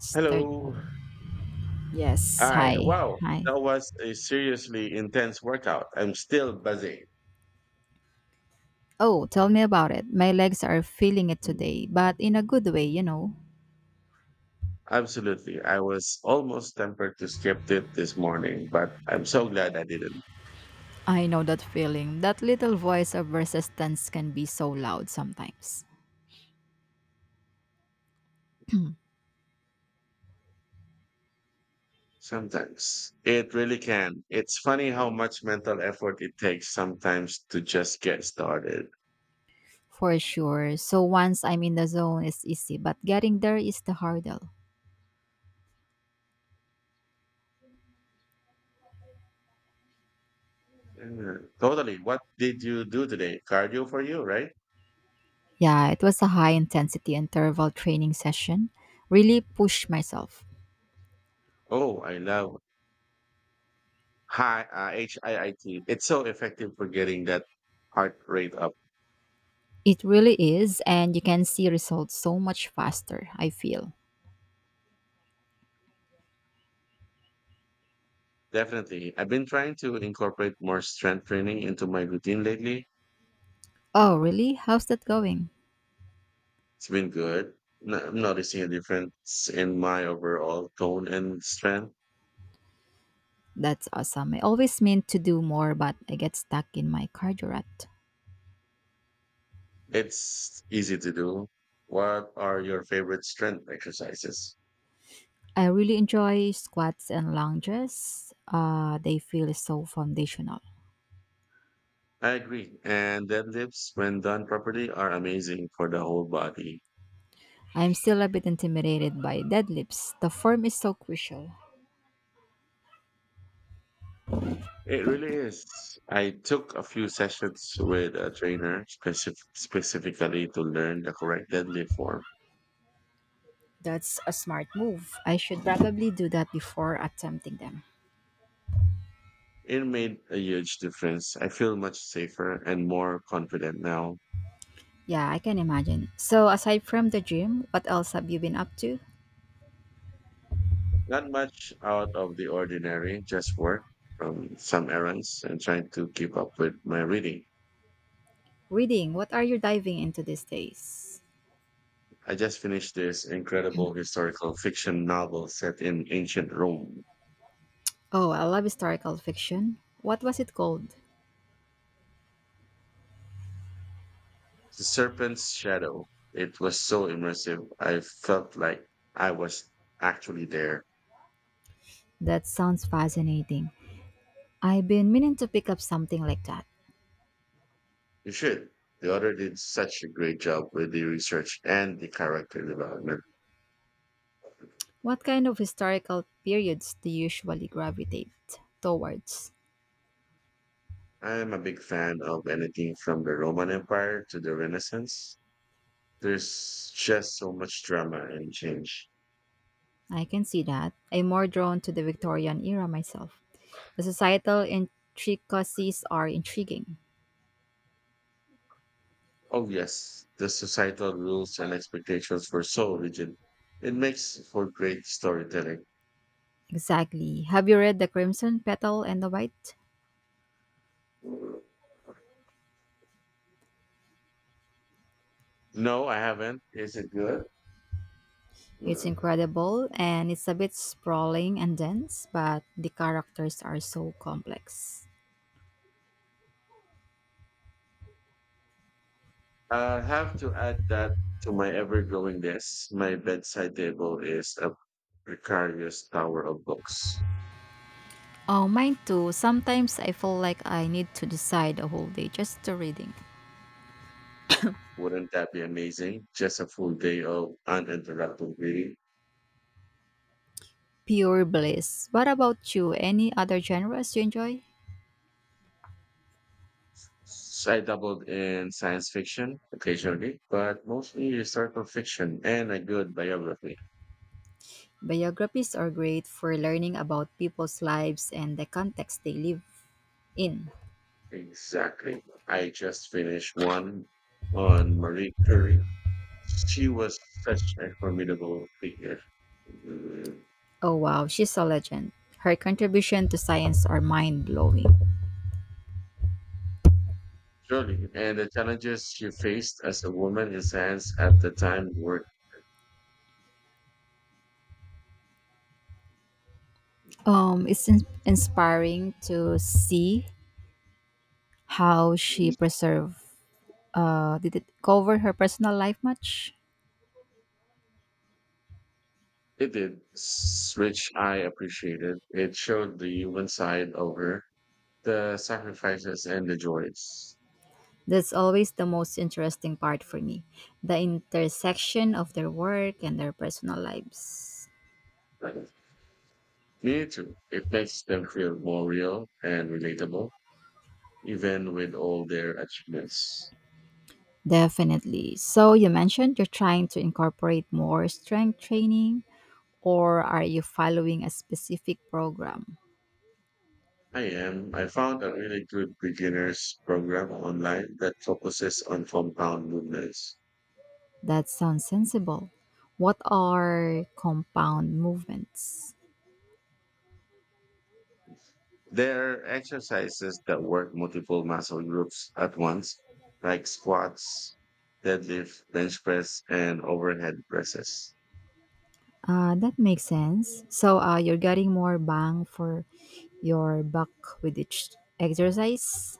Start. Hello. Yes. All right. Hi. Wow. Hi. That was a seriously intense workout. I'm still buzzing. Oh, tell me about it. My legs are feeling it Mm, today, but in a good way, absolutely. I was almost tempted to skip it this morning, but I'm so glad I didn't. I know that feeling. That little voice of resistance can be so loud sometimes. Sometimes it really can. It's funny how much mental effort it takes sometimes to just get started. For sure. So once I'm in the zone, it's easy, but getting there is the hurdle. Yeah, totally. What did you do today? Cardio for you, right? Yeah, it was a high intensity interval training session. Really pushed myself. Oh, I love hi HIIT. It's so effective for getting that heart rate up. It really is, and you can see results so much faster, I feel. Definitely. I've been trying to incorporate more strength training into my routine lately. Oh, It's really? How's that going? been good. I'm noticing a difference in my overall tone and strength. That's awesome. I always meant to do more, but I get stuck in my cardio rut. It's easy to do. What are your favorite strength exercises? I really enjoy squats and lunges. They feel so foundational. I agree. And deadlifts, when done properly, are amazing for the whole body. I'm still a bit intimidated by deadlifts. The form is so crucial. It really is. I took a few sessions with a trainer specifically to learn the correct deadlift form. That's a smart move. I should probably do that before attempting them. It made a huge difference. I feel much safer and more confident now. Yeah, I can imagine. So, aside from the gym, what else have you been up to? Not much out of the ordinary, just work from some errands and trying to keep up with my reading. Reading, what are you diving into these days? I just finished this incredible historical fiction novel set in ancient Rome, Oh, I love historical fiction. What was it called? The Serpent's Shadow. It was so immersive. I felt like I was actually there. That sounds fascinating. I've been meaning to pick up something like that. You should. The author did such a great job with the research and the character development. What kind of historical periods do you usually gravitate towards? I am a big fan of anything from the Roman Empire to the Renaissance. There's just so much drama and change. I can see that. I'm more drawn to the Victorian era myself. The societal intricacies are intriguing. Oh, yes, the societal rules and expectations were so rigid. It makes for great storytelling. Exactly. Have you read The Crimson Petal and the White? No, I haven't. Is it good? It's incredible and it's a bit sprawling and dense, but the characters are so complex. I have to add that to my ever growing list. My bedside table is a precarious tower of books. Oh, mine too. Sometimes I feel like I need to decide a whole day just to reading. Wouldn't that be amazing? Just a full day of uninterrupted reading. Pure bliss. What about you? Any other genres you enjoy? I dabbled in science fiction occasionally, but mostly historical fiction and a good biography. Biographies are great for learning about people's lives and the context they live in. Exactly. I just finished one on Marie Curie. She was such a formidable figure. Oh wow, she's a legend. Her contribution to science are mind blowing. Surely. And the challenges she faced as a woman in science at the time were It's inspiring to see how she preserved. Did it cover her personal life much? it did, which I appreciated. It showed the human side of her, the sacrifices and the joys. That's always the most interesting part for me, the intersection of their work and their personal lives. Me too. It makes them feel more real and relatable, even with all their achievements. Definitely. So, you mentioned you're trying to incorporate more strength training, or are you following a specific program? I am. I found a really good beginners program online that focuses on compound movements. That sounds sensible. What are compound movements? There are exercises that work multiple muscle groups at once, like squats, deadlift, bench press, and overhead presses. That makes sense. So, you're getting more bang for your buck with each exercise?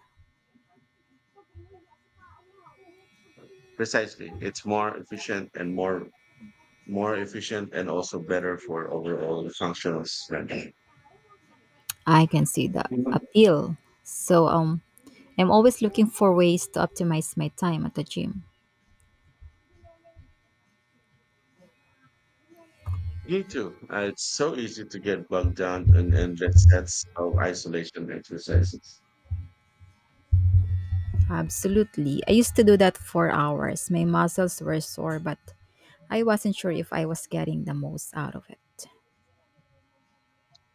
Precisely. It's more efficient and more more efficient and also better for overall functional strength. I can see the appeal. So, I'm always looking for ways to optimize my time at the gym. Me too. It's so easy to get bogged down in endless sets of isolation exercises. Absolutely. I used to do that for hours. My muscles were sore, but I wasn't sure if I was getting the most out of it.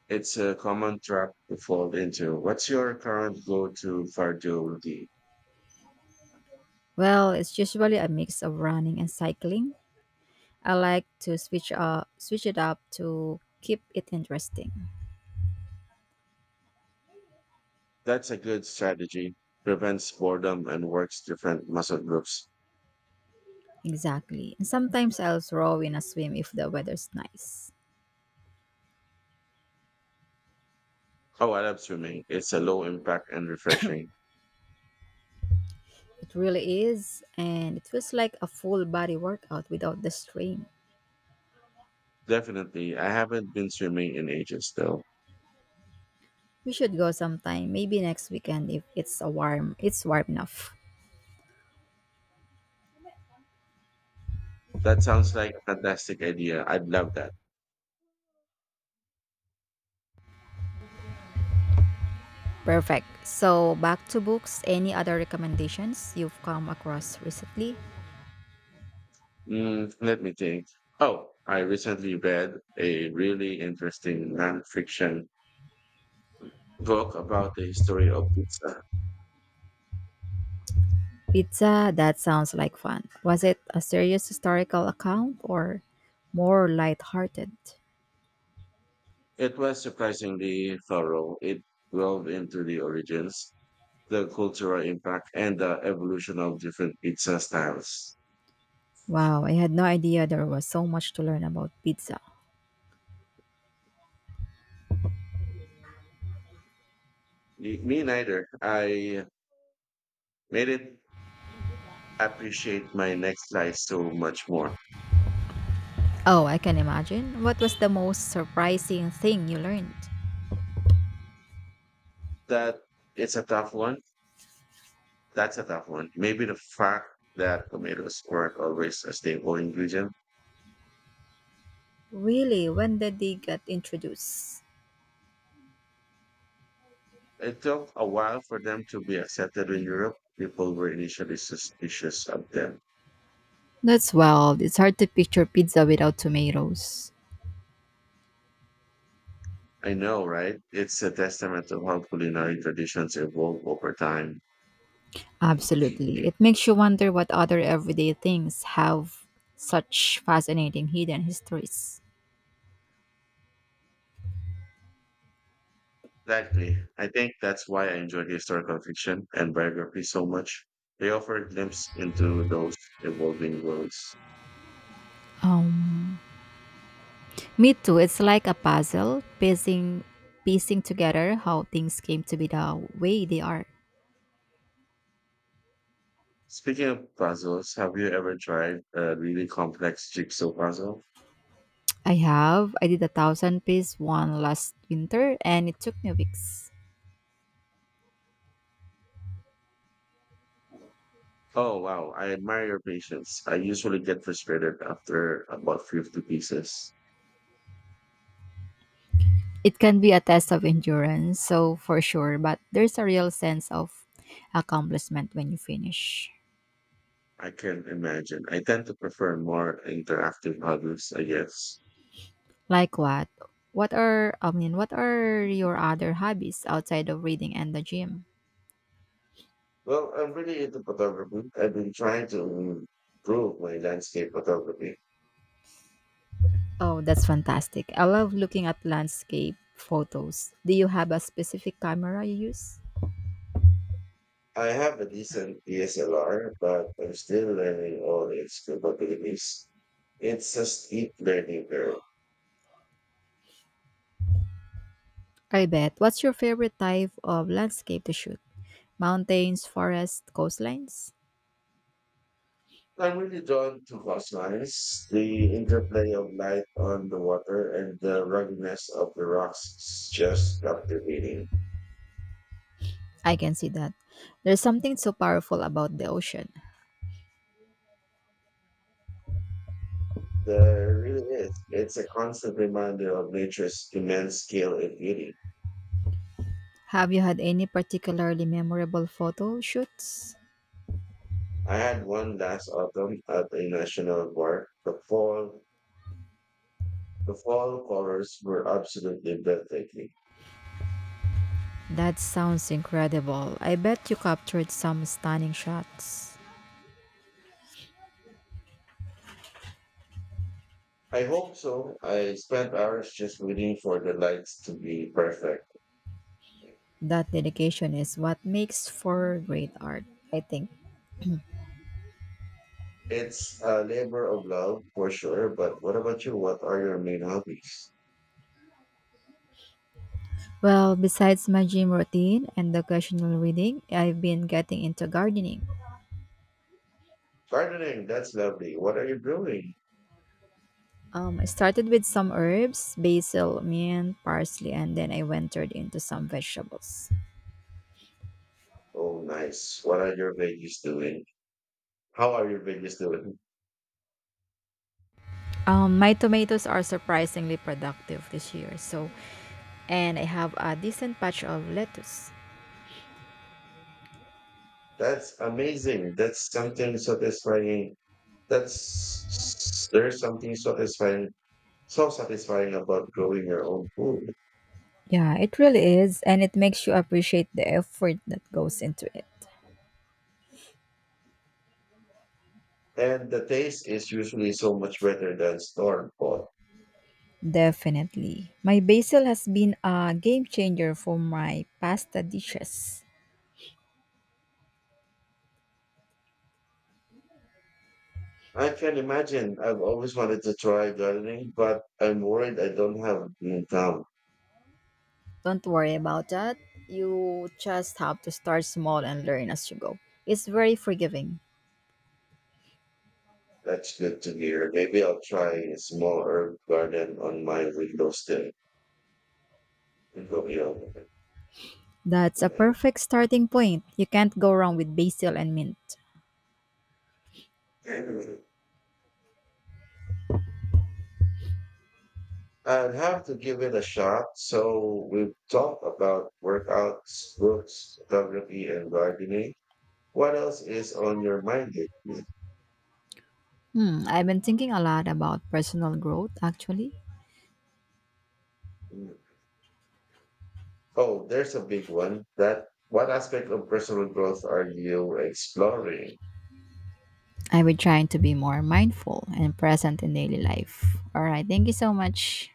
It's a common trap to fall into. What's your current go-to cardio routine? Well, it's usually a mix of running and cycling. I like to switch it up to keep it interesting. That's a good strategy. Prevents boredom and works different muscle groups. Exactly. And sometimes I'll throw in a swim if the weather's nice. Oh, I love swimming. It's a low impact and refreshing. It really is, and it feels like a full body workout without the strain. Definitely. I haven't been swimming in ages though. We should go sometime, maybe next weekend if it's warm enough. That sounds like a fantastic idea. I'd love that. Perfect. So back to books. Any other recommendations you've come across recently? Mm, let me think. Oh, I recently read a really interesting nonfiction book about the history of pizza. Pizza. That sounds like fun. Was it a serious historical account or more lighthearted? It was surprisingly thorough. It delved into the origins, the cultural impact, and the evolution of different pizza styles. Wow, I had no idea there was so much to learn about pizza. Me neither. I made it appreciate my next slice so much more. Oh, I can imagine. What was the most surprising thing you learned? That it's a tough one. That's a tough one. Maybe the fact that tomatoes weren't always a staple ingredient. Really? When did they get introduced? It took a while for them to be accepted in Europe. People were initially suspicious of them. That's wild. It's hard to picture pizza without tomatoes. I know, right? It's a testament to how culinary traditions evolve over time. Absolutely. Exactly. It makes you wonder what other everyday things have such fascinating hidden histories. I think that's why I enjoy historical fiction and biography so much. They offer a glimpse into those evolving worlds. Um, Me too. It's like a puzzle, piecing together how things came to be the way they are. Speaking of puzzles, have you ever tried a really complex jigsaw puzzle? I have. I did a thousand piece one last winter and it took me weeks. Oh wow, I admire your patience. I usually get frustrated after about 50 pieces. It can be a test of endurance, so for sure, but there's a real sense of accomplishment when you finish. I can imagine. I tend to prefer more interactive hobbies, I guess. Like what? What are your other hobbies outside of reading and the gym? Well, I'm really into photography. I've been trying to improve my landscape photography. Oh, that's fantastic. I love looking at landscape photos. Do you have a specific camera you use? I have a decent DSLR, but I'm still learning all its capabilities. It's a steep learning curve. I bet. What's your favorite type of landscape to shoot? Mountains, forests, coastlines? I'm really drawn to glass. The interplay of light on the water and the ruggedness of the rocks is just captivating. I can see that. There's something so powerful about the ocean. There really is. It's a constant reminder of nature's immense scale and beauty. Have you had any particularly memorable photo shoots? I had one last autumn at a national park. The fall colors were absolutely breathtaking. That sounds incredible. I bet you captured some stunning shots. I hope so. I spent hours just waiting for the lights to be perfect. That dedication is what makes for great art, I think. It's a labor of love for sure, but what about you? What are your main hobbies? Well, besides my gym routine and the occasional reading, I've been getting into gardening. Gardening, that's lovely. What are you doing? I started with some herbs, basil, mint, parsley, and then I ventured into some vegetables. Oh, nice. What are your veggies doing? How are your veggies doing? My tomatoes are surprisingly productive this year, so and I have a decent patch of lettuce. That's amazing. That's something satisfying. That's There's something satisfying, so satisfying about growing your own food. Yeah, it really is, and it makes you appreciate the effort that goes into it. And the taste is usually so much better than store bought. Definitely. My basil has been a game changer for my pasta dishes. I can imagine. I've always wanted to try gardening, but I'm worried I don't have an income. Don't worry about that. You just have to start small and learn as you go. It's very forgiving. That's good to hear. Maybe I'll try a small herb garden on my window still. Window hill. That's a perfect starting point. You can't go wrong with basil and mint. I'd have to give it a shot. So we've talked about workouts, books, photography, and gardening. What else is on your mind lately? Hmm, I've been thinking a lot about personal growth actually. Oh, there's a big one. That what aspect of personal growth are you exploring? I've been trying to be more mindful and present in daily life. All right, thank you so much.